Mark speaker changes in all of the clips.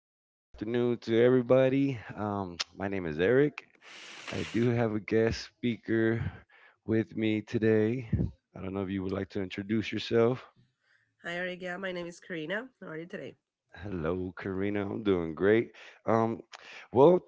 Speaker 1: Good afternoon to everybody. My name is Eric. I do have a guest speaker with me today. I don't know if you would like to introduce yourself.
Speaker 2: Hi, Arigia. My name is Karina. How are you today?
Speaker 1: Hello, Karina. I'm doing great. Um, well,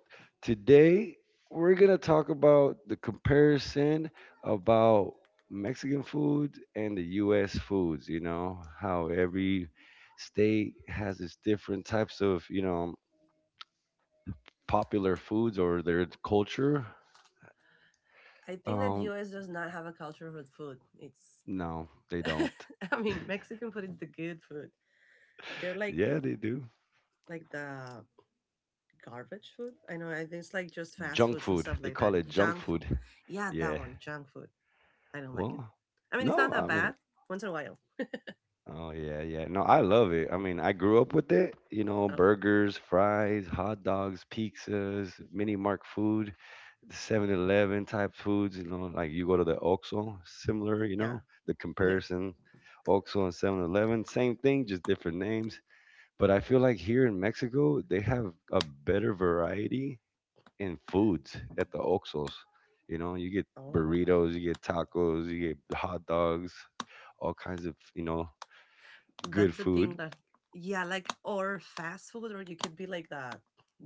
Speaker 1: Today we're gonna talk about the comparison about Mexican food and the U.S. foods. You know how every state has its different types of popular foods or their culture?
Speaker 2: I think that
Speaker 1: Um,
Speaker 2: US does not have a culture of food. It's,
Speaker 1: no, they don't.
Speaker 2: I mean, Mexican food is the good food. They're like
Speaker 1: Yeah, they do.
Speaker 2: like the garbage food. I know. I think it's like just fast
Speaker 1: Junk
Speaker 2: foods and stuff
Speaker 1: food. They
Speaker 2: like
Speaker 1: call
Speaker 2: that.
Speaker 1: it junk
Speaker 2: Junk food.
Speaker 1: food.
Speaker 2: Yeah, that
Speaker 1: Yeah.
Speaker 2: one. Junk food. I don't like it.
Speaker 1: Well,
Speaker 2: I mean, it's not
Speaker 1: no,
Speaker 2: that
Speaker 1: I mean,
Speaker 2: bad. Once in a while.
Speaker 1: Oh yeah, yeah. No, I love it. I mean, I grew up with it. You know,
Speaker 2: Oh,
Speaker 1: burgers, fries, hot dogs, pizzas, mini mark food, 7-11 type foods. You know, like you go to the OXXO, similar. You
Speaker 2: yeah,
Speaker 1: know, the
Speaker 2: yeah.
Speaker 1: comparison, OXXO and 7-11, same thing, just different names. But I feel like here in Mexico, they have a better variety in foods at the Oxos. You know, you get
Speaker 2: Oh,
Speaker 1: burritos, you get tacos, you get hot dogs, all kinds of, you know, good
Speaker 2: that's the thing
Speaker 1: food.
Speaker 2: that yeah, like or fast food, or you could be like that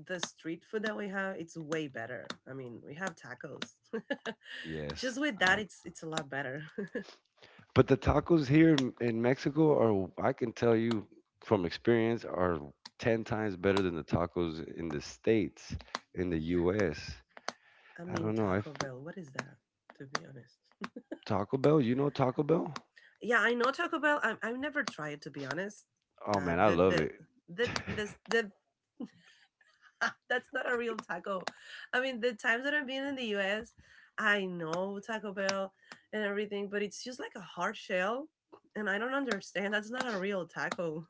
Speaker 2: the street food that we have, it's way better. I mean, we have tacos.
Speaker 1: Yes.
Speaker 2: Just with that,
Speaker 1: Uh,
Speaker 2: it's a lot better.
Speaker 1: but the tacos here in Mexico are, I can tell you from experience, are 10 times better than the tacos in the States, in the
Speaker 2: Yeah,
Speaker 1: US.
Speaker 2: I
Speaker 1: I
Speaker 2: mean,
Speaker 1: don't know. I
Speaker 2: Taco
Speaker 1: f
Speaker 2: Bell, what is that, to be honest?
Speaker 1: Taco Bell, you know Taco Bell?
Speaker 2: Yeah, I know Taco Bell. I've never tried it, to be honest.
Speaker 1: Oh
Speaker 2: Uh
Speaker 1: man, I
Speaker 2: the
Speaker 1: love
Speaker 2: the
Speaker 1: it.
Speaker 2: the That's not a real taco. I mean, the times that I've been in the US, I know Taco Bell and everything, but it's just like a hard shell. And I don't understand. That's not a real taco.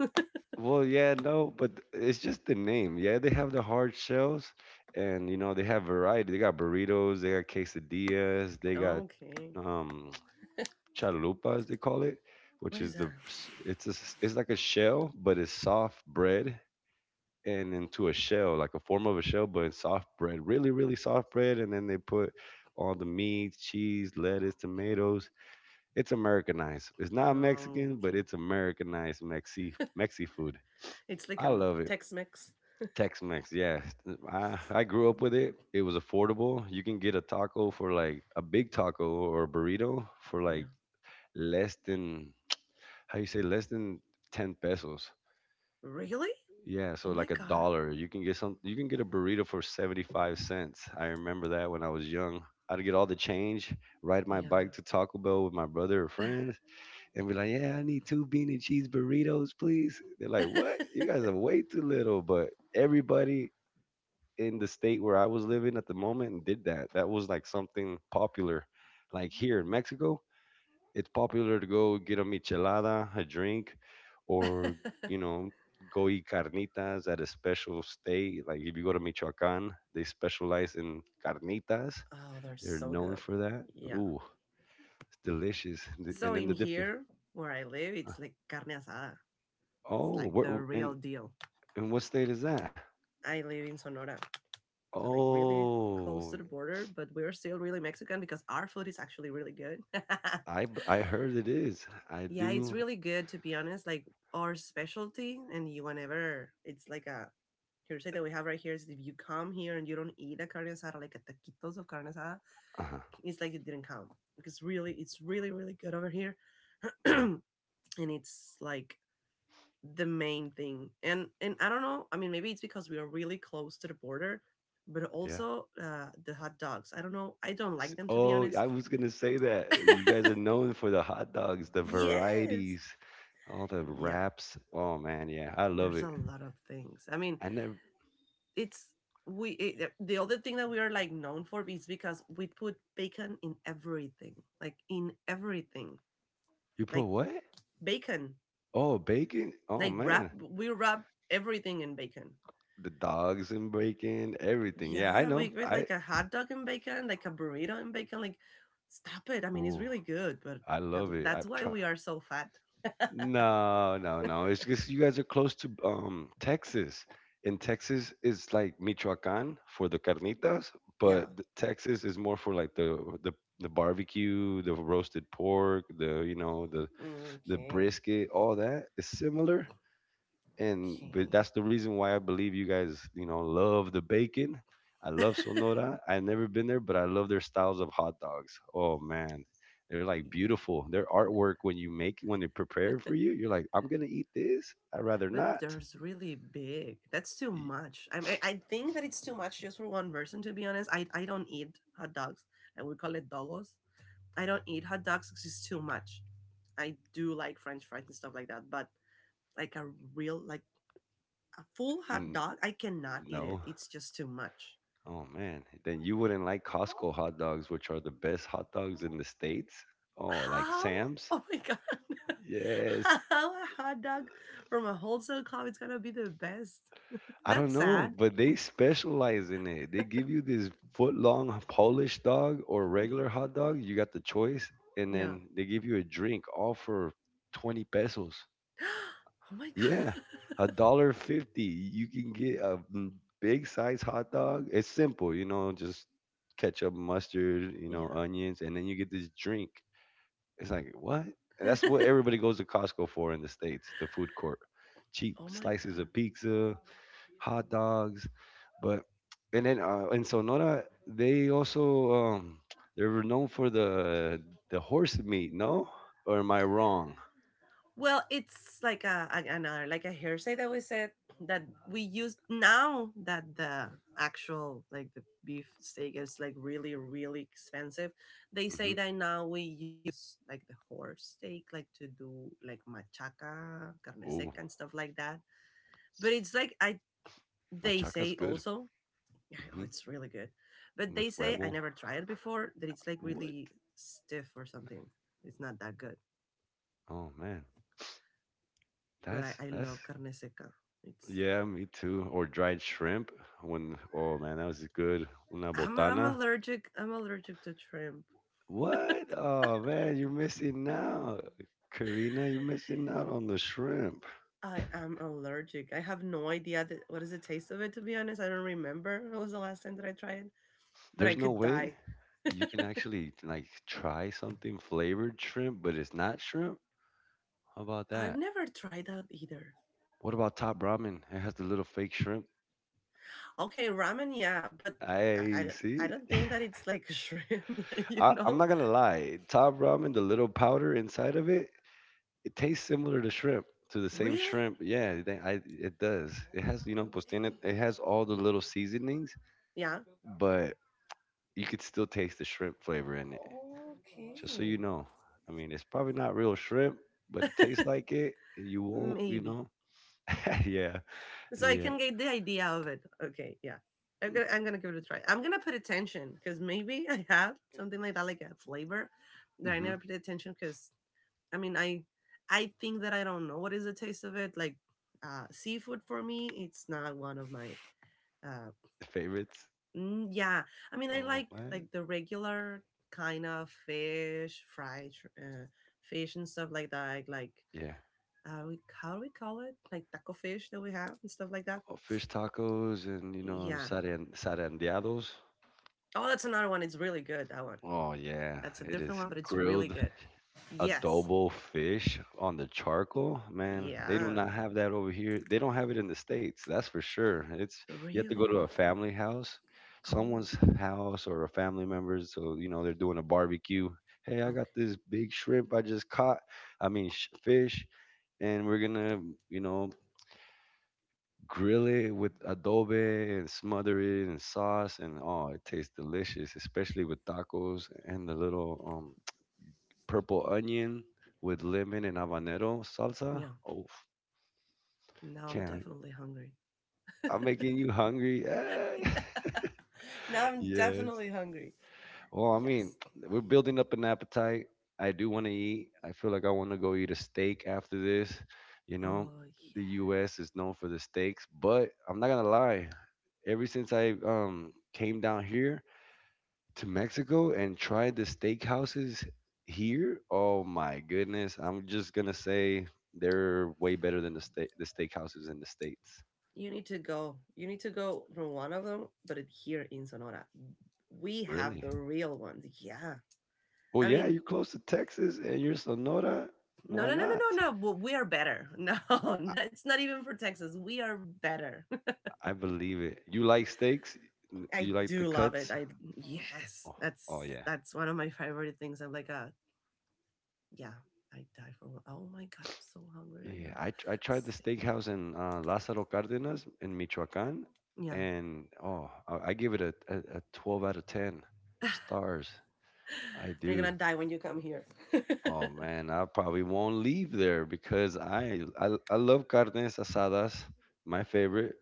Speaker 1: Well, yeah, no, but it's just the name. Yeah, they have the hard shells, and you know they have variety. They got burritos, they got quesadillas, they got
Speaker 2: Okay.
Speaker 1: um chalupas they call it, which
Speaker 2: What is
Speaker 1: is
Speaker 2: that?
Speaker 1: the s- it's it's like a shell, but it's soft bread and into a shell, like a form of a shell, but it's soft bread, really soft bread, and then they put all the meats, cheese, lettuce, tomatoes. It's Americanized. It's not Mexican, but
Speaker 2: Okay.
Speaker 1: it's Americanized Mexi food.
Speaker 2: It's like
Speaker 1: I
Speaker 2: a
Speaker 1: love it,
Speaker 2: Tex Mex.
Speaker 1: Tex-Mex, yeah. I grew up with it. It was affordable. You can get a taco for like a big taco or a burrito for like
Speaker 2: Yeah.
Speaker 1: less than how you say less than 10 pesos.
Speaker 2: Really?
Speaker 1: Yeah, so
Speaker 2: Oh my
Speaker 1: like a
Speaker 2: God.
Speaker 1: dollar. You can get a burrito for 75 cents. I remember that when I was young. I'd get all the change, ride my
Speaker 2: Yeah.
Speaker 1: bike to Taco Bell with my brother or friends, and be like, "Yeah, I need two bean and cheese burritos, please." They're like, "What? You guys are way too little." But everybody in the state where I was living at the moment and did that. That was like something popular. Like here in
Speaker 2: Oh.
Speaker 1: Mexico, it's popular to go get a michelada, a drink, or you know, go eat carnitas at a special state. Like if you go to Michoacan, they specialize in carnitas.
Speaker 2: Oh, they're
Speaker 1: They're
Speaker 2: so
Speaker 1: known
Speaker 2: good.
Speaker 1: for that.
Speaker 2: Yeah.
Speaker 1: Ooh, it's delicious. And the-
Speaker 2: So
Speaker 1: and then
Speaker 2: in
Speaker 1: the different.
Speaker 2: here, where I live,
Speaker 1: uh,
Speaker 2: it's like carne asada. It's
Speaker 1: Oh,
Speaker 2: like
Speaker 1: where,
Speaker 2: the
Speaker 1: wh-
Speaker 2: real deal.
Speaker 1: and what state is that?
Speaker 2: I live in Sonora. So like really close
Speaker 1: Oh,
Speaker 2: to the border, but we're still really Mexican because our food is actually really good.
Speaker 1: I heard it is. I
Speaker 2: Yeah, it's
Speaker 1: do.
Speaker 2: really good, to be honest. Like, our specialty, and you whenever it's like a hearsay that we have right here is if you come here and you don't eat a carne asada, like a taquitos of carne asada,
Speaker 1: Uh-huh.
Speaker 2: it's like it didn't come because really, it's really really good over here,
Speaker 1: Yeah.
Speaker 2: and it's like the main thing. And I don't know. I mean, maybe it's because we are really close to the border, but
Speaker 1: Yeah.
Speaker 2: also the hot dogs. I don't know. I don't like them, to be
Speaker 1: Oh,
Speaker 2: honest.
Speaker 1: I was gonna say that. You guys are known for the hot dogs, the
Speaker 2: Yes.
Speaker 1: varieties, all the
Speaker 2: Yeah.
Speaker 1: wraps. Oh man, yeah, I love
Speaker 2: There's
Speaker 1: it.
Speaker 2: a lot of things. I mean,
Speaker 1: I never.
Speaker 2: it's the other thing that we are like known for is because we put bacon in everything, like in everything,
Speaker 1: You put
Speaker 2: like
Speaker 1: what?
Speaker 2: bacon,
Speaker 1: Oh, bacon. Oh
Speaker 2: like wrap
Speaker 1: man,
Speaker 2: we wrap everything in bacon.
Speaker 1: the dogs and bacon, everything. Yeah, I
Speaker 2: Yeah, we
Speaker 1: know.
Speaker 2: get
Speaker 1: I.
Speaker 2: like a hot dog and bacon, like a burrito and bacon. Like, stop it. I mean, it's
Speaker 1: Oh,
Speaker 2: really good, but
Speaker 1: I
Speaker 2: that's
Speaker 1: love it.
Speaker 2: that's
Speaker 1: I've
Speaker 2: why
Speaker 1: tried.
Speaker 2: we are so fat.
Speaker 1: No, no, no. It's because you guys are close to Texas. And Texas is like Michoacán for the carnitas, but
Speaker 2: Yeah.
Speaker 1: th- Texas is more for like the the barbecue, the roasted pork, the you know, the
Speaker 2: Okay.
Speaker 1: brisket, all that is similar, and but
Speaker 2: Okay.
Speaker 1: that's the reason why I believe you guys, you know, love the bacon. I love Sonora. I've never been there, but I love their styles of hot dogs. Oh man, they're like
Speaker 2: Yeah.
Speaker 1: beautiful. Their artwork when they prepare for you, you're like, I'm gonna eat this. I'd rather
Speaker 2: But
Speaker 1: not.
Speaker 2: there's really big. That's too
Speaker 1: Y-
Speaker 2: much. I mean, I think that it's too much just for one person. To be honest, I don't eat hot dogs. I would call it dogos. I don't eat hot dogs because it's too much. I do like French fries and stuff like that, but like a real like a full hot
Speaker 1: n-
Speaker 2: dog, I cannot eat
Speaker 1: No.
Speaker 2: it. It's just too much.
Speaker 1: Oh man, then you wouldn't like Costco hot dogs, which are the best hot dogs in the states. Oh, like
Speaker 2: How?
Speaker 1: Sam's.
Speaker 2: Oh my god.
Speaker 1: Yes,
Speaker 2: How a hot dog from a wholesale club is gonna be the best?
Speaker 1: I don't
Speaker 2: That's
Speaker 1: know,
Speaker 2: sad.
Speaker 1: but they specialize in it. They give you this foot long Polish dog or
Speaker 2: Yeah.
Speaker 1: regular hot dog. You got the choice, and
Speaker 2: Yeah.
Speaker 1: then they give you a drink, all for 20 pesos.
Speaker 2: Oh my god.
Speaker 1: Yeah, a dollar 50. You can get a big size hot dog. It's simple, you know, just ketchup, mustard, you
Speaker 2: Yeah.
Speaker 1: know, onions, and then you get this drink. It's like what? And that's what everybody goes to Costco for in the states, the food court. Cheap
Speaker 2: Oh my
Speaker 1: slices
Speaker 2: god.
Speaker 1: of pizza, hot dogs, but and then in Sonora they also they were known for the horse meat. No, or am I wrong?
Speaker 2: Well, it's like another like a hearsay that we said that we use now that the actual like the beef steak is like really really expensive. They say
Speaker 1: Hmm.
Speaker 2: that now we use like the horse steak like to do like machaca, carne
Speaker 1: Oh,
Speaker 2: seca and stuff like that. But it's like I they
Speaker 1: machaca's
Speaker 2: say
Speaker 1: good.
Speaker 2: also. Oh,
Speaker 1: Hmm.
Speaker 2: it's really good. But
Speaker 1: With
Speaker 2: they say, I
Speaker 1: huevo.
Speaker 2: never tried it before, that it's like
Speaker 1: What?
Speaker 2: really stiff or something. It's not that good.
Speaker 1: Oh man,
Speaker 2: But I
Speaker 1: that's
Speaker 2: love carne seca. It's
Speaker 1: yeah, me too. Or dried shrimp. When oh man, that was good. Una
Speaker 2: I'm
Speaker 1: botana.
Speaker 2: allergic. I'm allergic to shrimp.
Speaker 1: What? Oh man, you're missing out, Karina. You're missing out on the shrimp.
Speaker 2: I am allergic. I have no idea that, what is the taste of it. To be honest, I don't remember. It was the last time that I tried it, but I
Speaker 1: There's no
Speaker 2: could die.
Speaker 1: way you can actually like try something flavored shrimp, but it's not shrimp. How about
Speaker 2: I've
Speaker 1: that?
Speaker 2: never tried that either.
Speaker 1: What about Top Ramen? It has the little fake shrimp.
Speaker 2: Okay, ramen, yeah, but
Speaker 1: I
Speaker 2: I
Speaker 1: see.
Speaker 2: don't think that it's like shrimp. Like, you
Speaker 1: I'm
Speaker 2: know,
Speaker 1: not gonna lie. Top Ramen, the little powder inside of it, it tastes similar to shrimp, to the same
Speaker 2: really?
Speaker 1: shrimp. Yeah, it does. It has, you know, pues tiene,
Speaker 2: Okay.
Speaker 1: it has all the little seasonings,
Speaker 2: Yeah.
Speaker 1: but you could still taste the shrimp flavor in it. Just so you
Speaker 2: Okay.
Speaker 1: know. I mean, it's probably not real shrimp, but it tastes like it. And You won't, you
Speaker 2: Maybe.
Speaker 1: know. yeah,
Speaker 2: So I
Speaker 1: yeah.
Speaker 2: can get the idea of it. Okay, yeah. I'm gonna give it a try. I'm gonna put attention because maybe I have something like that, like a flavor that I
Speaker 1: Hmm.
Speaker 2: never paid attention because I mean I think that I don't know what is the taste of it. Like seafood for me, it's not one of my. Uh,
Speaker 1: Favorites.
Speaker 2: yeah, I mean I
Speaker 1: Oh man.
Speaker 2: like the regular kind of fish, fried uh, fish and stuff like that. Like
Speaker 1: Yeah.
Speaker 2: we, how do we call it? Like taco fish that we have and stuff like that.
Speaker 1: Oh, fish tacos and you know
Speaker 2: Yeah,
Speaker 1: saran sarandeados.
Speaker 2: oh, that's another one. It's really good, that one.
Speaker 1: Oh yeah,
Speaker 2: That's a
Speaker 1: it is
Speaker 2: different one, but it's really
Speaker 1: grilled
Speaker 2: good. Yes.
Speaker 1: adobo fish on the charcoal, man, they do
Speaker 2: Yeah.
Speaker 1: not have that over here. They don't have it in the States, that's for sure. It's you have to go to
Speaker 2: Really?
Speaker 1: a family house,
Speaker 2: Oh,
Speaker 1: someone's house or a family member's, so you know they're doing a barbecue. Hey, I got
Speaker 2: okay.
Speaker 1: this big shrimp I just caught. Fish, and we're gonna, you know, grill it with adobe and smother it in sauce, and oh, it tastes delicious, especially with tacos and the little purple onion with lemon and habanero salsa.
Speaker 2: Yeah.
Speaker 1: Oh,
Speaker 2: Now I'm
Speaker 1: can't.
Speaker 2: definitely hungry.
Speaker 1: I'm making you hungry. Ah.
Speaker 2: Now I'm
Speaker 1: yes.
Speaker 2: definitely hungry.
Speaker 1: Well, I mean,
Speaker 2: Yes.
Speaker 1: we're building up an appetite. I do want to eat. I feel like I want to go eat a steak after this. You know,
Speaker 2: Oh,
Speaker 1: the
Speaker 2: yeah.
Speaker 1: U.S. is known for the steaks, but I'm not gonna lie. Ever since I came down here, to Mexico and try the steakhouses here, oh my goodness, I'm just gonna say they're way better than the steakhouses in the states.
Speaker 2: You need to go. You need to go from one of them, but it, here in Sonora. We have
Speaker 1: Really?
Speaker 2: the real ones. Yeah.
Speaker 1: Well,
Speaker 2: I
Speaker 1: yeah,
Speaker 2: mean,
Speaker 1: you're close to Texas and you're Sonora.
Speaker 2: no,
Speaker 1: Why
Speaker 2: no, no,
Speaker 1: not?
Speaker 2: no, no, no. Well, we are better. No, no,
Speaker 1: I,
Speaker 2: it's not even for Texas. We are better.
Speaker 1: I believe it. You like steaks? You
Speaker 2: I
Speaker 1: like the
Speaker 2: do love it.
Speaker 1: cuts?
Speaker 2: I Yes,
Speaker 1: Oh, oh
Speaker 2: that's
Speaker 1: yeah.
Speaker 2: that's one of my favorite things. I'm like, yeah, I die for. One. Oh my god, I'm so hungry right
Speaker 1: Yeah,
Speaker 2: now.
Speaker 1: I tried
Speaker 2: Let's
Speaker 1: the
Speaker 2: see.
Speaker 1: steakhouse in Lázaro Cárdenas in Michoacán,
Speaker 2: Yeah,
Speaker 1: and oh, I give it a 12 out of 10 stars. I
Speaker 2: you're gonna
Speaker 1: do.
Speaker 2: die when you come here.
Speaker 1: Oh man, I probably won't leave there because I love carnes asadas, my favorite.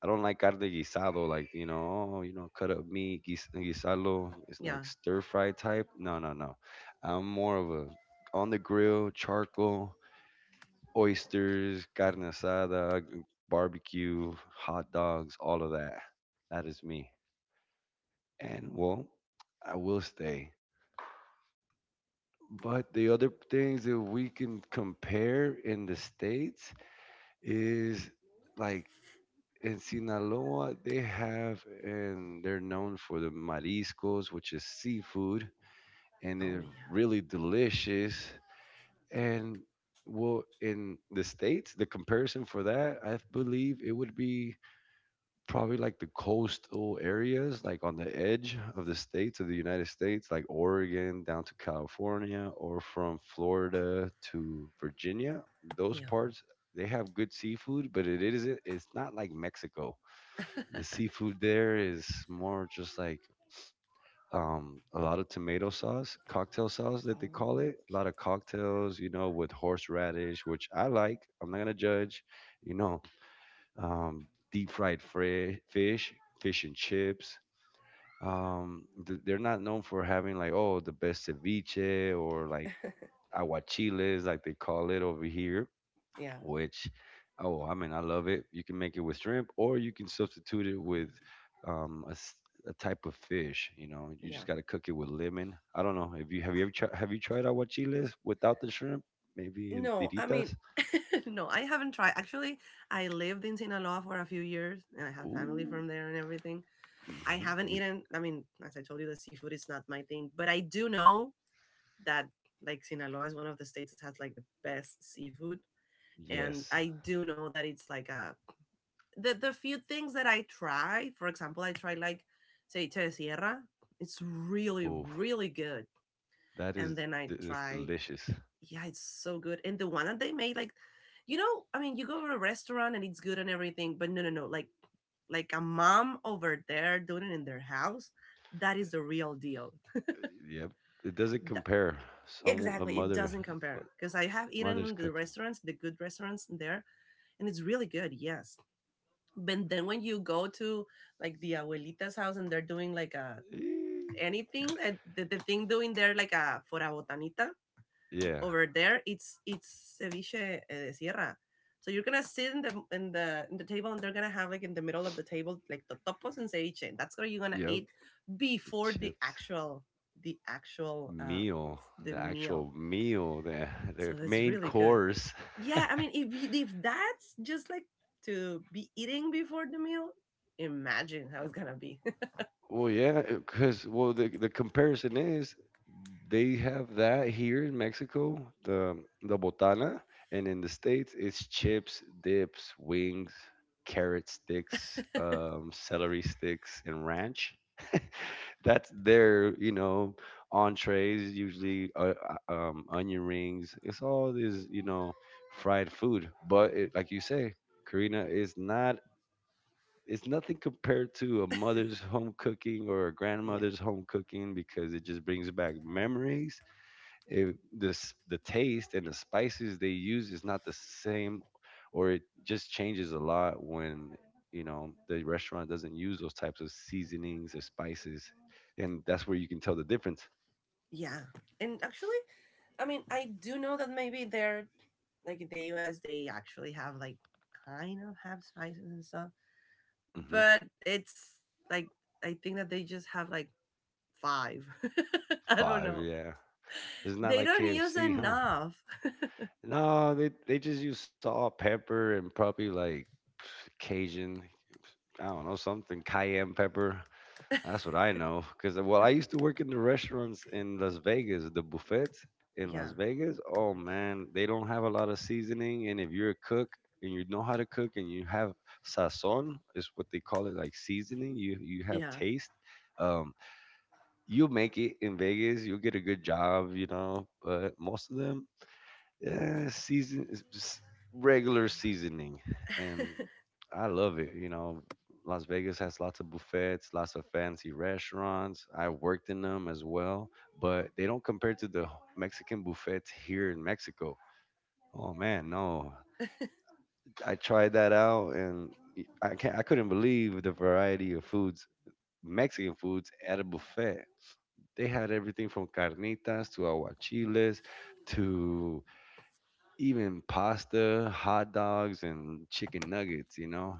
Speaker 1: I don't like carne guisado, like you know, oh, you know, cut up meat, guisarlo. It's like
Speaker 2: Yeah.
Speaker 1: stir fry type. No, no, no. I'm more of a on the grill, charcoal, oysters, carne asada, barbecue, hot dogs, all of that. That is me. And well, I will stay. But the other things that we can compare in the States is like in Sinaloa, they have and they're known for the mariscos, which is seafood, and
Speaker 2: Oh
Speaker 1: they're
Speaker 2: yeah.
Speaker 1: really delicious. And well, in the States, the comparison for that, I believe it would be probably like the coastal areas, like on the edge of the states of the United States, like Oregon down to California, or from Florida to Virginia. Those
Speaker 2: Yeah.
Speaker 1: parts they have good seafood, but it's not like Mexico. The seafood there is more just like a lot of tomato sauce, cocktail sauce that they call
Speaker 2: Oh
Speaker 1: it. A lot of cocktails, you know, with horseradish, which I like. I'm not gonna judge, you know um, deep fish, fish and chips. They're not known for having like oh the best ceviche or like aguachiles like they call it over here,
Speaker 2: yeah.
Speaker 1: which oh I mean I love it. You can make it with shrimp or you can substitute it with um, a, s- a type of fish. You know you
Speaker 2: Yeah.
Speaker 1: just gotta cook it with lemon. I don't know if you ever tried have you tried aguachiles without the shrimp? Maybe in
Speaker 2: No, I
Speaker 1: tiritas.
Speaker 2: mean, no, I haven't tried. Actually, I lived in Sinaloa for a few years, and I have family
Speaker 1: Ooh.
Speaker 2: from there and everything. I haven't
Speaker 1: Hmm.
Speaker 2: eaten. I mean, as I told you, the seafood is not my thing, but I do know that like Sinaloa is one of the states that has like the best seafood. And
Speaker 1: Yes.
Speaker 2: I do know that it's like a the few things that I try, for example, I try like ceviche de sierra. It's really,
Speaker 1: Oof.
Speaker 2: really good. And then I
Speaker 1: That's
Speaker 2: tried,
Speaker 1: delicious.
Speaker 2: yeah, it's so good. And the one that they made, like, you know, I mean, you go to a restaurant and it's good and everything, but no, no, no, like a mom over there doing it in their house, that is the real deal.
Speaker 1: Yep. It doesn't
Speaker 2: Th-
Speaker 1: compare. Some a
Speaker 2: Exactly, it
Speaker 1: mother
Speaker 2: doesn't
Speaker 1: But
Speaker 2: compare because I have eaten
Speaker 1: mother's
Speaker 2: in the
Speaker 1: cooking.
Speaker 2: restaurants, the good restaurants there, and it's really good. Yes, but then when you go to like the abuelita's house, and they're doing like a
Speaker 1: Eh,
Speaker 2: anything that the thing doing there like a for botanita
Speaker 1: yeah.
Speaker 2: over there, it's ceviche de sierra. So you're gonna sit in the table, and they're gonna have like in the middle of the table like the topos and ceviche. That's what you're gonna
Speaker 1: Yep.
Speaker 2: eat
Speaker 1: The
Speaker 2: before the
Speaker 1: chips.
Speaker 2: actual the actual
Speaker 1: Meal.
Speaker 2: the
Speaker 1: The
Speaker 2: meal.
Speaker 1: actual meal.
Speaker 2: So
Speaker 1: The
Speaker 2: that's
Speaker 1: main
Speaker 2: really good.
Speaker 1: course.
Speaker 2: Yeah, I mean, if if that's just like to be eating before the meal, imagine how it's gonna be.
Speaker 1: Well, yeah, because well the comparison is they have that here in Mexico, the botana, and in the States it's chips, dips, wings, carrot sticks, celery sticks, and ranch. That's their entrees usually onion rings. It's all this fried food. But it, like you say, Karina, is nothing compared to a mother's home cooking or a
Speaker 2: Yeah,
Speaker 1: grandmother's home cooking because it just brings back memories. This the taste and the spices they use is not the same, or it just changes a lot when, you know, the restaurant doesn't use those types of seasonings or spices, and that's where you can tell the difference.
Speaker 2: yeah. And actually, I mean, I do know that maybe they're like in the U.S. They actually have like kind of have spices and stuff,
Speaker 1: Hmm.
Speaker 2: but it's like I think that they just have like five. I don't
Speaker 1: Five,
Speaker 2: know.
Speaker 1: yeah. It's not
Speaker 2: They
Speaker 1: like
Speaker 2: don't use
Speaker 1: KFC, huh?
Speaker 2: enough.
Speaker 1: No, they just use salt, pepper, and probably like Cajun, I don't know, something cayenne pepper. That's what I know. Because, well, I used to work in the restaurants in Las Vegas, the buffets in
Speaker 2: Yeah,
Speaker 1: Las Vegas. Oh, man, they don't have a lot of seasoning. And if you're a cook and you know how to cook and you have sazon, is what they call it, like seasoning, you have
Speaker 2: yeah,
Speaker 1: taste. Um, you'll make it in Vegas. You'll get a good job, you know. But most of them, uh, season s- regular seasoning, and I love it, you know. Las Vegas has lots of buffets, lots of fancy restaurants. I worked in them as well, but they don't compare to the Mexican buffets here in Mexico. Oh man, no. I tried that out and y- I can't I couldn't believe the variety of foods, Mexican foods at a buffet. They had everything from carnitas to aguachiles to even pasta, hot dogs, and chicken nuggets, you know?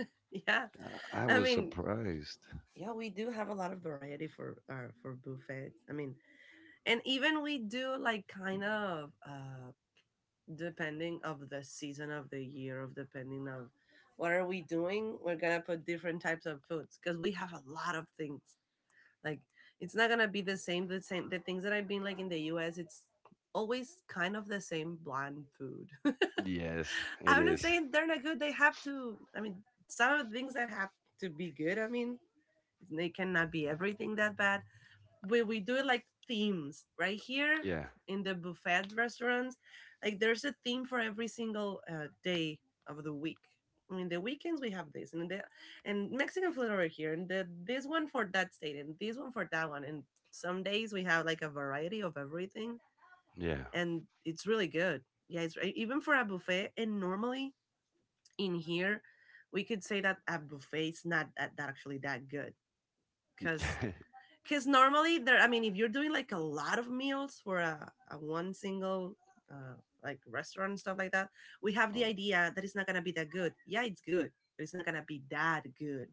Speaker 2: yeah.
Speaker 1: I
Speaker 2: I
Speaker 1: was
Speaker 2: mean,
Speaker 1: surprised.
Speaker 2: yeah, we do have a lot of variety for buffets. I mean, and even we do like kind of uh, depending of the season of the year, of depending of what are we doing, we're gonna put different types of foods because we have a lot of things. Like, it's not gonna be the same, the things that I've been like in the US, it's always kind of the same bland food.
Speaker 1: Yes, it
Speaker 2: I'm not
Speaker 1: is.
Speaker 2: saying they're not good, they have to, I mean, some of the things that have to be good. I mean, they cannot be everything that bad. We do it like themes right here
Speaker 1: Yeah,
Speaker 2: in the buffet restaurants. Like there's a theme for every single day of the week. I mean, the weekends we have this, and the and Mexican food over here, and the, this one for that state, and this one for that one, and some days we have like a variety of everything,
Speaker 1: yeah.
Speaker 2: and it's really good. Yeah, it's even for a buffet. And normally in here, we could say that a buffet is not that actually that good, because normally there, I mean, if you're doing like a lot of meals for a one single uh, like restaurant and stuff like that, we have
Speaker 1: Uh,
Speaker 2: the idea that it's not gonna be that good. Yeah, it's good, but it's not gonna be that good,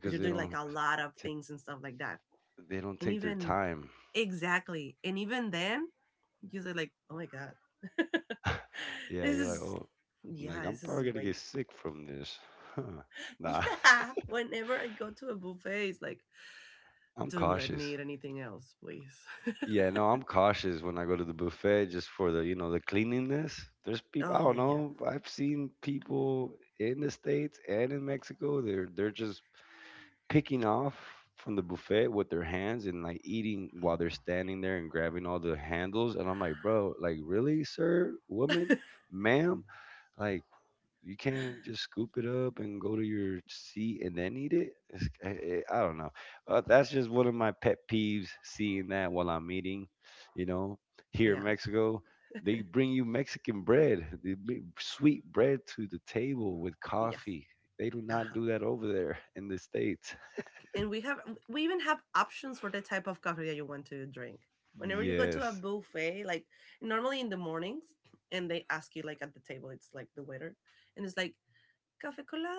Speaker 2: because you're doing like a lot of
Speaker 1: t-
Speaker 2: things and stuff like that.
Speaker 1: they don't
Speaker 2: And
Speaker 1: take their
Speaker 2: even,
Speaker 1: time.
Speaker 2: exactly, and even then you say like, oh my god.
Speaker 1: Yeah,
Speaker 2: This
Speaker 1: you're like,
Speaker 2: is,
Speaker 1: oh, like
Speaker 2: yeah,
Speaker 1: I'm
Speaker 2: this is,
Speaker 1: probably gonna
Speaker 2: wait.
Speaker 1: get sick from this. Huh. Nah,
Speaker 2: Yeah, whenever I go to a buffet it's like,
Speaker 1: I'm
Speaker 2: don't let me
Speaker 1: cautious.
Speaker 2: eat anything else, please.
Speaker 1: Yeah, no, I'm cautious when I go to the buffet just for the, you know, the cleanliness. There's people, I
Speaker 2: Oh
Speaker 1: don't
Speaker 2: yeah.
Speaker 1: know, I've seen people in the States and in Mexico, they're just picking off from the buffet with their hands and like eating while they're
Speaker 2: Oh.
Speaker 1: standing there and grabbing all the handles. And I'm like, bro, like really, sir, woman, ma'am, like you can't just scoop it up and go to your seat and then eat it. It's, I don't know. That's just one of my pet peeves. Seeing that while I'm eating, you know, here in
Speaker 2: Yeah.
Speaker 1: Mexico. They bring you Mexican bread, they bring sweet bread to the table with
Speaker 2: Yes.
Speaker 1: coffee. They do not
Speaker 2: Uh-huh.
Speaker 1: do that over there in the States.
Speaker 2: And we have, we even have options for the type of coffee that you want to drink. Whenever you go to a
Speaker 1: Yes,
Speaker 2: buffet, like normally in the mornings, and they ask you like at the table, it's like the waiter, and it's like cafe cola,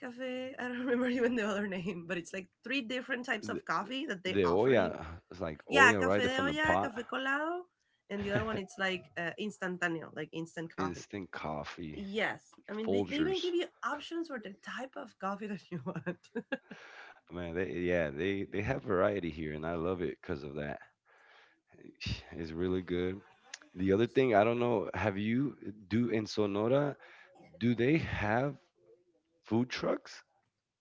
Speaker 2: cafe. I don't remember even the other name, but it's like three different types
Speaker 1: the,
Speaker 2: of coffee that they
Speaker 1: the
Speaker 2: offer you.
Speaker 1: Oya, it's like
Speaker 2: Yeah,
Speaker 1: Oya right
Speaker 2: cafe
Speaker 1: there
Speaker 2: de
Speaker 1: from the
Speaker 2: olla,
Speaker 1: pot,
Speaker 2: cafe colado, and the other one it's like instantáneo, like instant coffee.
Speaker 1: instant coffee,
Speaker 2: Yes, I mean they even
Speaker 1: Folgers.
Speaker 2: give you options for the type of coffee that you want.
Speaker 1: Man, they yeah, they have variety here, and I love it because of that. It's really good. The other thing, I don't know, have you do in Sonora, do they have food trucks?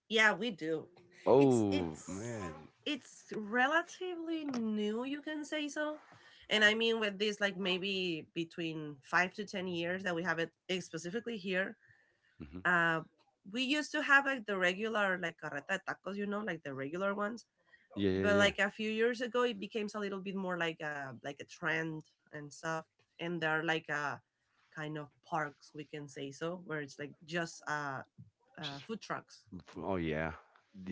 Speaker 2: Yeah, we do. It's
Speaker 1: Oh
Speaker 2: it's
Speaker 1: man.
Speaker 2: it's relatively new, you can say so. And I mean with this, like, maybe between 5 to 10 years that we have it, specifically here.
Speaker 1: Hmm.
Speaker 2: Uh we used to have like the regular, like carreta de tacos, you know, like the regular ones.
Speaker 1: Yeah, yeah,
Speaker 2: But
Speaker 1: yeah.
Speaker 2: like a few years ago it became a little bit more like a trend and stuff. And there are like a kind of parks, we can say so, where it's like just
Speaker 1: Just
Speaker 2: food trucks,
Speaker 1: f- oh yeah.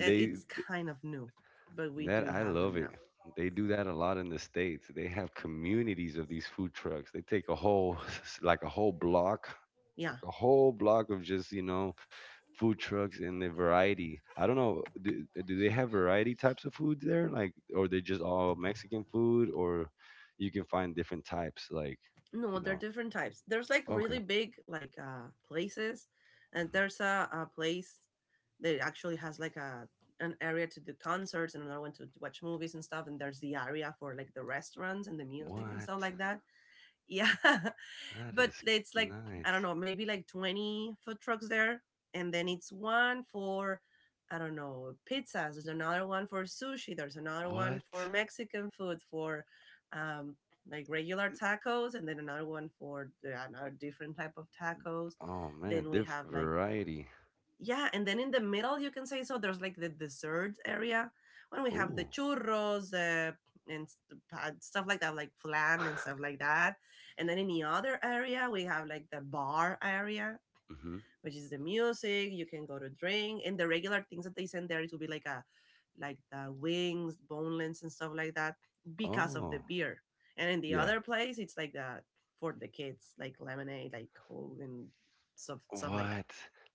Speaker 2: and it's kind of new, but we
Speaker 1: that
Speaker 2: do
Speaker 1: I
Speaker 2: have
Speaker 1: love
Speaker 2: them
Speaker 1: it.
Speaker 2: now.
Speaker 1: They do that a lot in the States. They have communities of these food trucks. They take a whole like a whole block,
Speaker 2: Yeah,
Speaker 1: like a whole block of just, you know, food trucks and the variety. I don't know, do they have variety types of foods there? Like or they just all Mexican food or you can find different types, like,
Speaker 2: no,
Speaker 1: you
Speaker 2: there are
Speaker 1: know.
Speaker 2: different types. There's like
Speaker 1: Okay.
Speaker 2: really big like places, and
Speaker 1: Mhm.
Speaker 2: there's a place that actually has like a an area to do concerts, and another one to watch movies and stuff, and there's the area for like the restaurants and the music and stuff
Speaker 1: What?
Speaker 2: like that. Yeah.
Speaker 1: That
Speaker 2: But
Speaker 1: is
Speaker 2: it's like, I don't
Speaker 1: nice.
Speaker 2: know, maybe like 20 food trucks there, and then it's one for, I don't know, pizzas. There's another one for sushi. There's another one for
Speaker 1: What?
Speaker 2: Mexican food, for um, like regular tacos, and then another one for another different type of tacos.
Speaker 1: Oh man,
Speaker 2: Then we
Speaker 1: diff
Speaker 2: have, like,
Speaker 1: variety.
Speaker 2: yeah, and then in the middle, you can say so, there's like the dessert area, when we have the
Speaker 1: Oh.
Speaker 2: churros, and stuff like that, like flan and stuff like that. And then in the other area we have like the bar area, which is the music, you can go to drink, and the regular things that they send there, it will be like a, like the wings, boneless and stuff like that, because of the
Speaker 1: Oh.
Speaker 2: beer. And in the
Speaker 1: Yeah.
Speaker 2: other place it's like the, for the kids, like lemonade, like coke and stuff like that.
Speaker 1: What?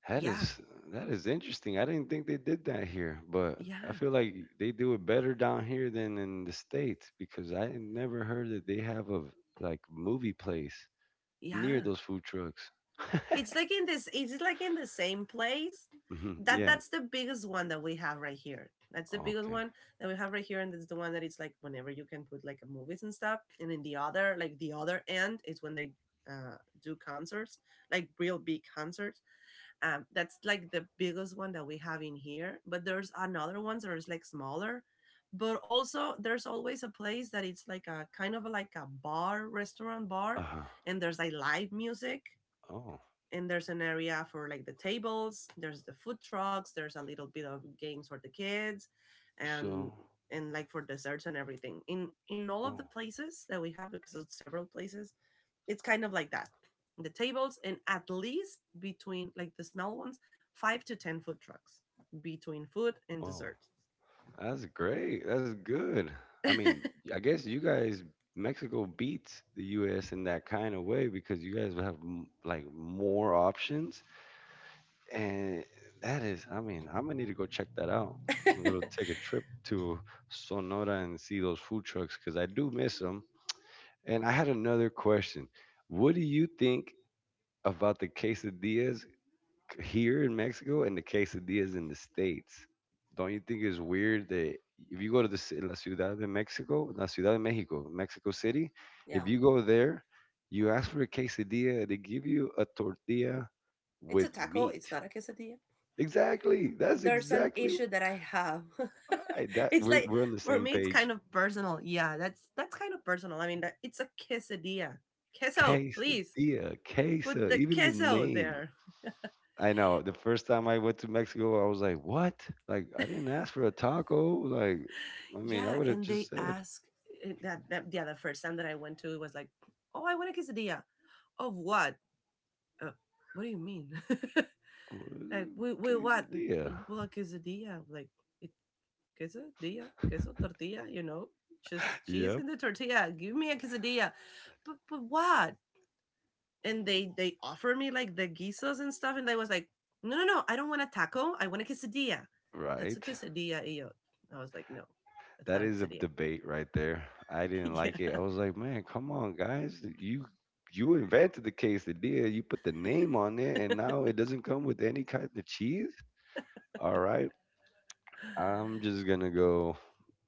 Speaker 1: That
Speaker 2: Yeah.
Speaker 1: is that is interesting. I didn't think they did that here, but I
Speaker 2: Yeah.
Speaker 1: feel like they do it better down here than in the States because I never heard that they have a like movie place near
Speaker 2: Yeah.
Speaker 1: those food trucks.
Speaker 2: It's like, in this, it's like in the same place.
Speaker 1: Mhm.
Speaker 2: That
Speaker 1: Yeah.
Speaker 2: that's the biggest one that we have right here. That's the biggest
Speaker 1: Okay.
Speaker 2: one that we have right here, and that's the one that it's like whenever you can put like movies and stuff. And in the other, like the other end, is when they uh do concerts, like real big concerts. Um, that's like the biggest one that we have in here. But there's another ones that is like smaller. But also there's always a place that it's like a kind of like a bar, restaurant bar,
Speaker 1: Uh-huh.
Speaker 2: and there's like live music,
Speaker 1: Oh.
Speaker 2: and there's an area for like the tables, there's the food trucks, there's a little bit of games for the kids, and
Speaker 1: So,
Speaker 2: and like for desserts and everything, in all of the
Speaker 1: oh,
Speaker 2: places that we have, because it's several places, it's kind of like that, the tables, and at least between like the small ones, five to ten food trucks, between food and
Speaker 1: oh.
Speaker 2: dessert.
Speaker 1: That's great. That's good. I mean, I guess you guys, Mexico beats the U.S. in that kind of way because you guys have like more options, and that is, I mean, I'm gonna need to go check that out. I'm gonna take a trip to Sonora and see those food trucks because I do miss them. And I had another question. What do you think about the quesadillas here in Mexico and the quesadillas in the States? Don't you think it's weird that if you go to La Ciudad de Mexico, La Ciudad de Mexico, Mexico City,
Speaker 2: Yeah,
Speaker 1: if you go there, you ask for a quesadilla, they give you a tortilla
Speaker 2: it's
Speaker 1: with
Speaker 2: a taco,
Speaker 1: meat.
Speaker 2: it's not a quesadilla.
Speaker 1: Exactly. That's
Speaker 2: There's an
Speaker 1: exactly
Speaker 2: issue that I have.
Speaker 1: that
Speaker 2: It's like,
Speaker 1: we're on the
Speaker 2: for
Speaker 1: same
Speaker 2: me, it's
Speaker 1: page.
Speaker 2: kind of personal. Yeah, that's kind of personal. I mean, that, it's a quesadilla. Queso, please,
Speaker 1: Quesadilla,
Speaker 2: put
Speaker 1: quesa,
Speaker 2: the
Speaker 1: even the
Speaker 2: queso
Speaker 1: name.
Speaker 2: there.
Speaker 1: I know. The first time I went to Mexico, I was like, "What? Like, I didn't ask for a taco. Like, I mean, I
Speaker 2: Yeah,
Speaker 1: would have
Speaker 2: and
Speaker 1: just
Speaker 2: they
Speaker 1: said
Speaker 2: ask, eh, that, that, yeah, the first time that I went to, it was like, oh, I want a quesadilla. Of what? Uh, what do you mean? Like,
Speaker 1: "Uh,
Speaker 2: we what? But,
Speaker 1: quesadilla."
Speaker 2: well, a quesadilla, like, it, quesadilla, queso, tortilla. You know, just cheese
Speaker 1: Yep,
Speaker 2: in the tortilla. Give me a quesadilla. But what? And they offered me like the guisos and stuff, and I was like, no, no, no, I don't want a taco. I want a quesadilla. That's a
Speaker 1: right.
Speaker 2: quesadilla, yo. I was like, no, that's
Speaker 1: That
Speaker 2: not a
Speaker 1: is a
Speaker 2: quesadilla.
Speaker 1: debate right there. I didn't
Speaker 2: Yeah,
Speaker 1: like it. I was like, "Man, come on, guys! You invented the quesadilla. You put the name on it, and now it doesn't come with any kind of cheese. All right, I'm just gonna go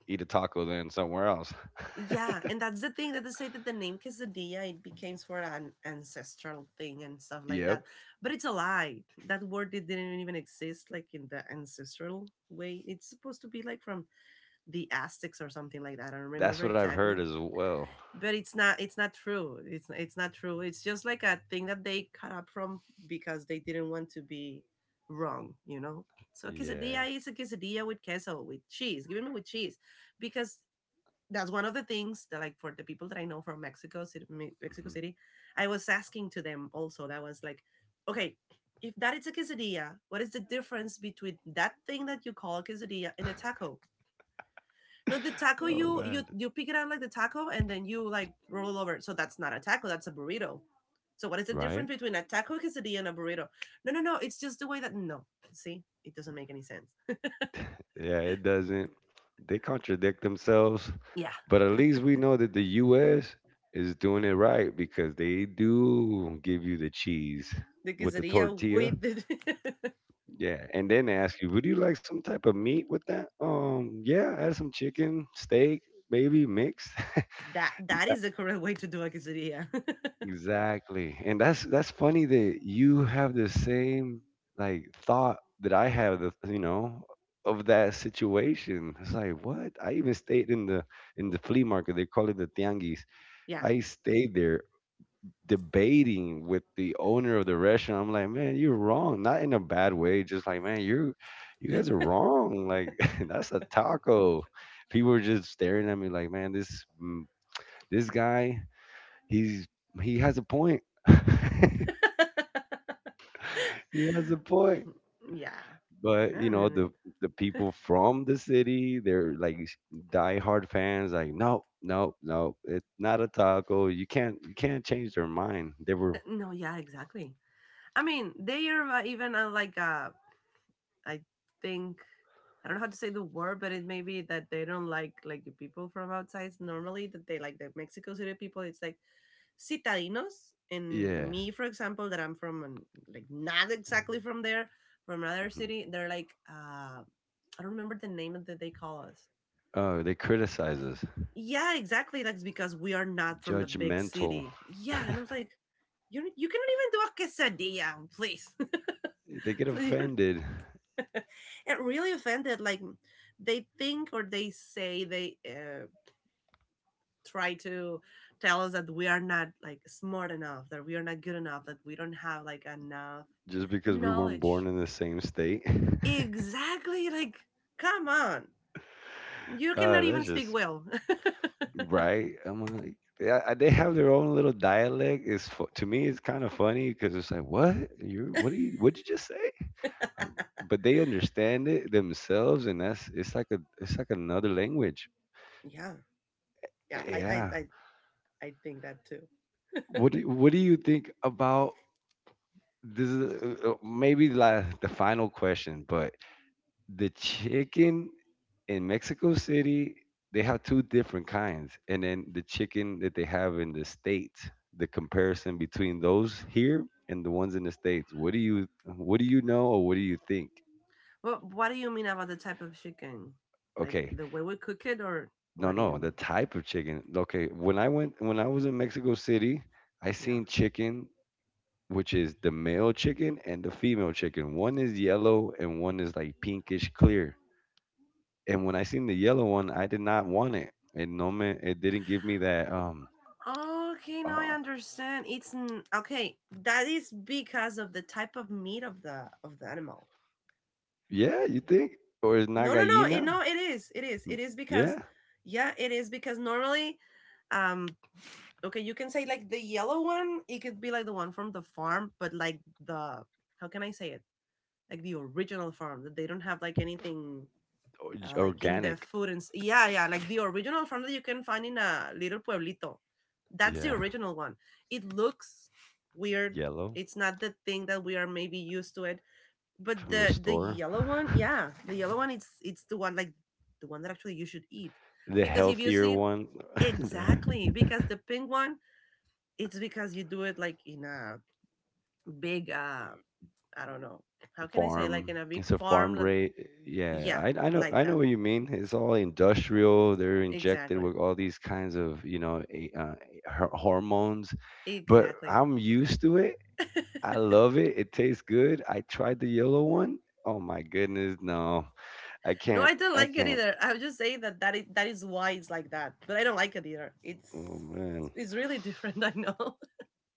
Speaker 1: eat a taco then somewhere else."
Speaker 2: yeah, and that's the thing that they say, that the name quesadilla, it became for an ancestral thing and stuff like
Speaker 1: Yep,
Speaker 2: that, but it's a lie. That word, it didn't even exist, like, in the ancestral way. It's supposed to be like from the Aztecs or something like that. I don't
Speaker 1: that's
Speaker 2: remember
Speaker 1: what I've
Speaker 2: exactly.
Speaker 1: heard as well.
Speaker 2: But it's not true, it's not true, it's just like a thing that they cut up from, because they didn't want to be wrong, you know. So
Speaker 1: Yeah.
Speaker 2: quesadilla is a quesadilla with queso, with cheese, give me with cheese, because that's one of the things, that, like, for the people that I know from Mexico City, Mexico
Speaker 1: Mm-hmm.
Speaker 2: City, I was asking to them also, that was like, okay, if that is a quesadilla, what is the difference between that thing that you call quesadilla and a taco? No, the taco,
Speaker 1: Oh
Speaker 2: you you
Speaker 1: man,
Speaker 2: you pick it up like the taco and then you like roll over. So that's not a taco, that's a burrito. So what is the difference
Speaker 1: right?
Speaker 2: between a taco, quesadilla, and a burrito? No, no, no. It's just the way that, no. See, it doesn't make any sense.
Speaker 1: Yeah, it doesn't. They contradict themselves,
Speaker 2: Yeah,
Speaker 1: but at least we know that the U.S. is doing it right because they do give you the cheese
Speaker 2: the
Speaker 1: with the
Speaker 2: quesadilla
Speaker 1: tortilla.
Speaker 2: with the,
Speaker 1: Yeah, and then they ask you, would you like some type of meat with that? Yeah, add some chicken, steak, maybe mixed.
Speaker 2: that, that is the correct way to do a quesadilla.
Speaker 1: Exactly. And that's funny that you have the same like thought that I have, the you know, of that situation. It's like what? I even stayed in the flea market. They call it the tianguis.
Speaker 2: Yeah.
Speaker 1: I stayed there debating with the owner of the restaurant. I'm like, "Man, you're wrong." Not in a bad way, just like, "Man, you guys are wrong. Like that's a taco." People were just staring at me like, "Man, this this guy, he's he has a point." He has a point.
Speaker 2: Yeah.
Speaker 1: But
Speaker 2: I
Speaker 1: you
Speaker 2: don't
Speaker 1: know,
Speaker 2: even-
Speaker 1: the people from the city, they're like diehard fans. Like, no, no, no, it's not a taco. You can't change their mind. They were
Speaker 2: No, yeah, exactly. I mean, they are even like, I think, I don't know how to say the word, but it may be that they don't like the people from outside normally. That, they like, the Mexico City people. It's like, citadinos. And
Speaker 1: yeah.
Speaker 2: me, for example, that I'm from, like, not exactly from there, from another
Speaker 1: Mhm.
Speaker 2: city. They're like, I don't remember the name that they call us.
Speaker 1: Oh, they criticize us,
Speaker 2: Yeah, exactly. That's because we are not from the big
Speaker 1: judgmental.
Speaker 2: city. Yeah, and I was like, you cannot even do a quesadilla, please.
Speaker 1: They get
Speaker 2: So you're,
Speaker 1: offended
Speaker 2: and really offended, like, they think, or they say they, try to tell us that we are not like smart enough, that we are not good enough, that we don't have like enough
Speaker 1: just because we weren't
Speaker 2: knowledge.
Speaker 1: born in the same state.
Speaker 2: Exactly, like, come on, you cannot
Speaker 1: That's
Speaker 2: even speak
Speaker 1: just
Speaker 2: well.
Speaker 1: right. I'm like, yeah, they have their own little dialect. It's to me, it's kind of funny because it's like, what you? What do you? What did you just say? Um, but they understand it themselves, and that's it's like a it's like another language.
Speaker 2: Yeah, yeah, I, I
Speaker 1: Yeah.
Speaker 2: i i think that too.
Speaker 1: What do you think about this? Is, maybe la the final question, but the chicken in Mexico City, they have two different kinds, and then the chicken that they have in the states. The comparison between those here and the ones in the states. What do you know or what do you think?
Speaker 2: Well, what do you mean about the type of chicken? Like
Speaker 1: Okay,
Speaker 2: the way we cook it, or
Speaker 1: no,
Speaker 2: what do you
Speaker 1: no, the
Speaker 2: mean?
Speaker 1: type of chicken. Okay, when I went when I was in Mexico City, I
Speaker 2: Yeah.
Speaker 1: seen chicken, which is the male chicken and the female chicken. One is yellow and one is like pinkish clear. And when I seen the yellow one, I did not want it. It no man, it didn't give me that
Speaker 2: Okay, now I
Speaker 1: uh
Speaker 2: understand. It's okay. That is because of the type of meat of the, of the animal.
Speaker 1: yeah, you think? Or is not
Speaker 2: No, no, no. It,
Speaker 1: gallina?
Speaker 2: no, it is. It is.
Speaker 1: Mm,
Speaker 2: It is because,
Speaker 1: yeah.
Speaker 2: yeah, it is because normally, um, okay, you can say, like, the yellow one, it could be like the one from the farm, but like, the, how can I say it? Like the original farm, that they don't have like anything
Speaker 1: Or,
Speaker 2: like in the
Speaker 1: organic.
Speaker 2: food and yeah, yeah, like the original, from that you can find in a little pueblito. That's the
Speaker 1: Yeah.
Speaker 2: original one. It looks weird.
Speaker 1: Yellow
Speaker 2: It's not the thing that we are maybe used to it, but
Speaker 1: from the
Speaker 2: the
Speaker 1: store.
Speaker 2: yellow one, yeah, the yellow one, it's the one, like, the one that actually you should eat,
Speaker 1: The
Speaker 2: because if you
Speaker 1: healthier
Speaker 2: see,
Speaker 1: one. The-
Speaker 2: exactly, because the pink one, it's because you do it like in a big, I don't know, how can I say, like
Speaker 1: farm.
Speaker 2: in a big
Speaker 1: It's a
Speaker 2: farm,
Speaker 1: farm
Speaker 2: like,
Speaker 1: rate. Yeah,
Speaker 2: yeah, like
Speaker 1: I know
Speaker 2: that,
Speaker 1: what you mean. It's all industrial. They're injected
Speaker 2: exactly,
Speaker 1: with all these kinds of you know hormones. But
Speaker 2: exactly.
Speaker 1: I'm used to it. I love it. It tastes good. I tried the yellow one. Oh my goodness, no, I
Speaker 2: No,
Speaker 1: can't.
Speaker 2: I don't
Speaker 1: I
Speaker 2: like it
Speaker 1: can't.
Speaker 2: either. I was just saying that that is why it's like that, but I don't like it either.
Speaker 1: Oh
Speaker 2: It's
Speaker 1: man.
Speaker 2: it's really different. I know.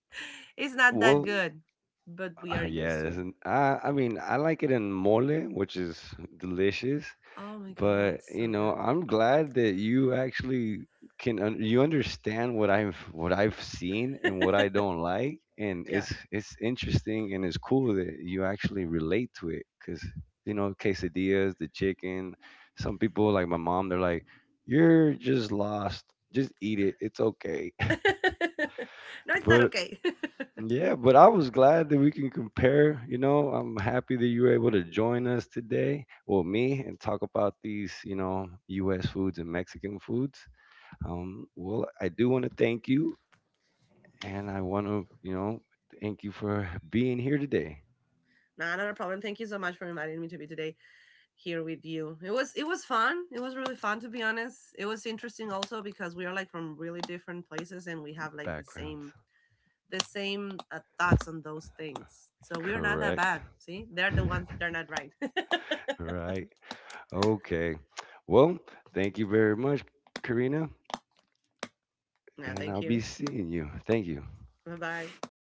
Speaker 2: It's not that
Speaker 1: Well,
Speaker 2: good, but we are used
Speaker 1: Yes,
Speaker 2: to.
Speaker 1: and I mean, I like it in mole, which is delicious.
Speaker 2: Oh my god,
Speaker 1: But you
Speaker 2: so
Speaker 1: know,
Speaker 2: good.
Speaker 1: I'm glad that you actually can un you understand what I've seen and what I don't like, and
Speaker 2: Yeah.
Speaker 1: it's interesting and it's cool that you actually relate to it because you know, quesadillas, the chicken. Some people like my mom, they're like, "You're just lost. Just eat it. It's okay."
Speaker 2: No, it's not
Speaker 1: But
Speaker 2: okay.
Speaker 1: yeah, but I was glad that we can compare. You know, I'm happy that you were able to join us today, well, me, and talk about these, you know, U.S. foods and Mexican foods. Well, I do want to thank you, and I want to, you know, thank you for being here today.
Speaker 2: Nah, not a problem. Thank you so much for inviting me to be today here with you. It was, it was fun. It was really fun, to be honest. It was interesting also because we are like from really different places and we have like the
Speaker 1: Backgrounds,
Speaker 2: same, the same thoughts on those things. So we're not that
Speaker 1: correct,
Speaker 2: bad. See, they're the ones, they're not right.
Speaker 1: right? Okay. Well, thank you very much, Karina,
Speaker 2: Yeah,
Speaker 1: and
Speaker 2: thank
Speaker 1: I'll be
Speaker 2: you.
Speaker 1: seeing you. Thank you.
Speaker 2: Bye bye.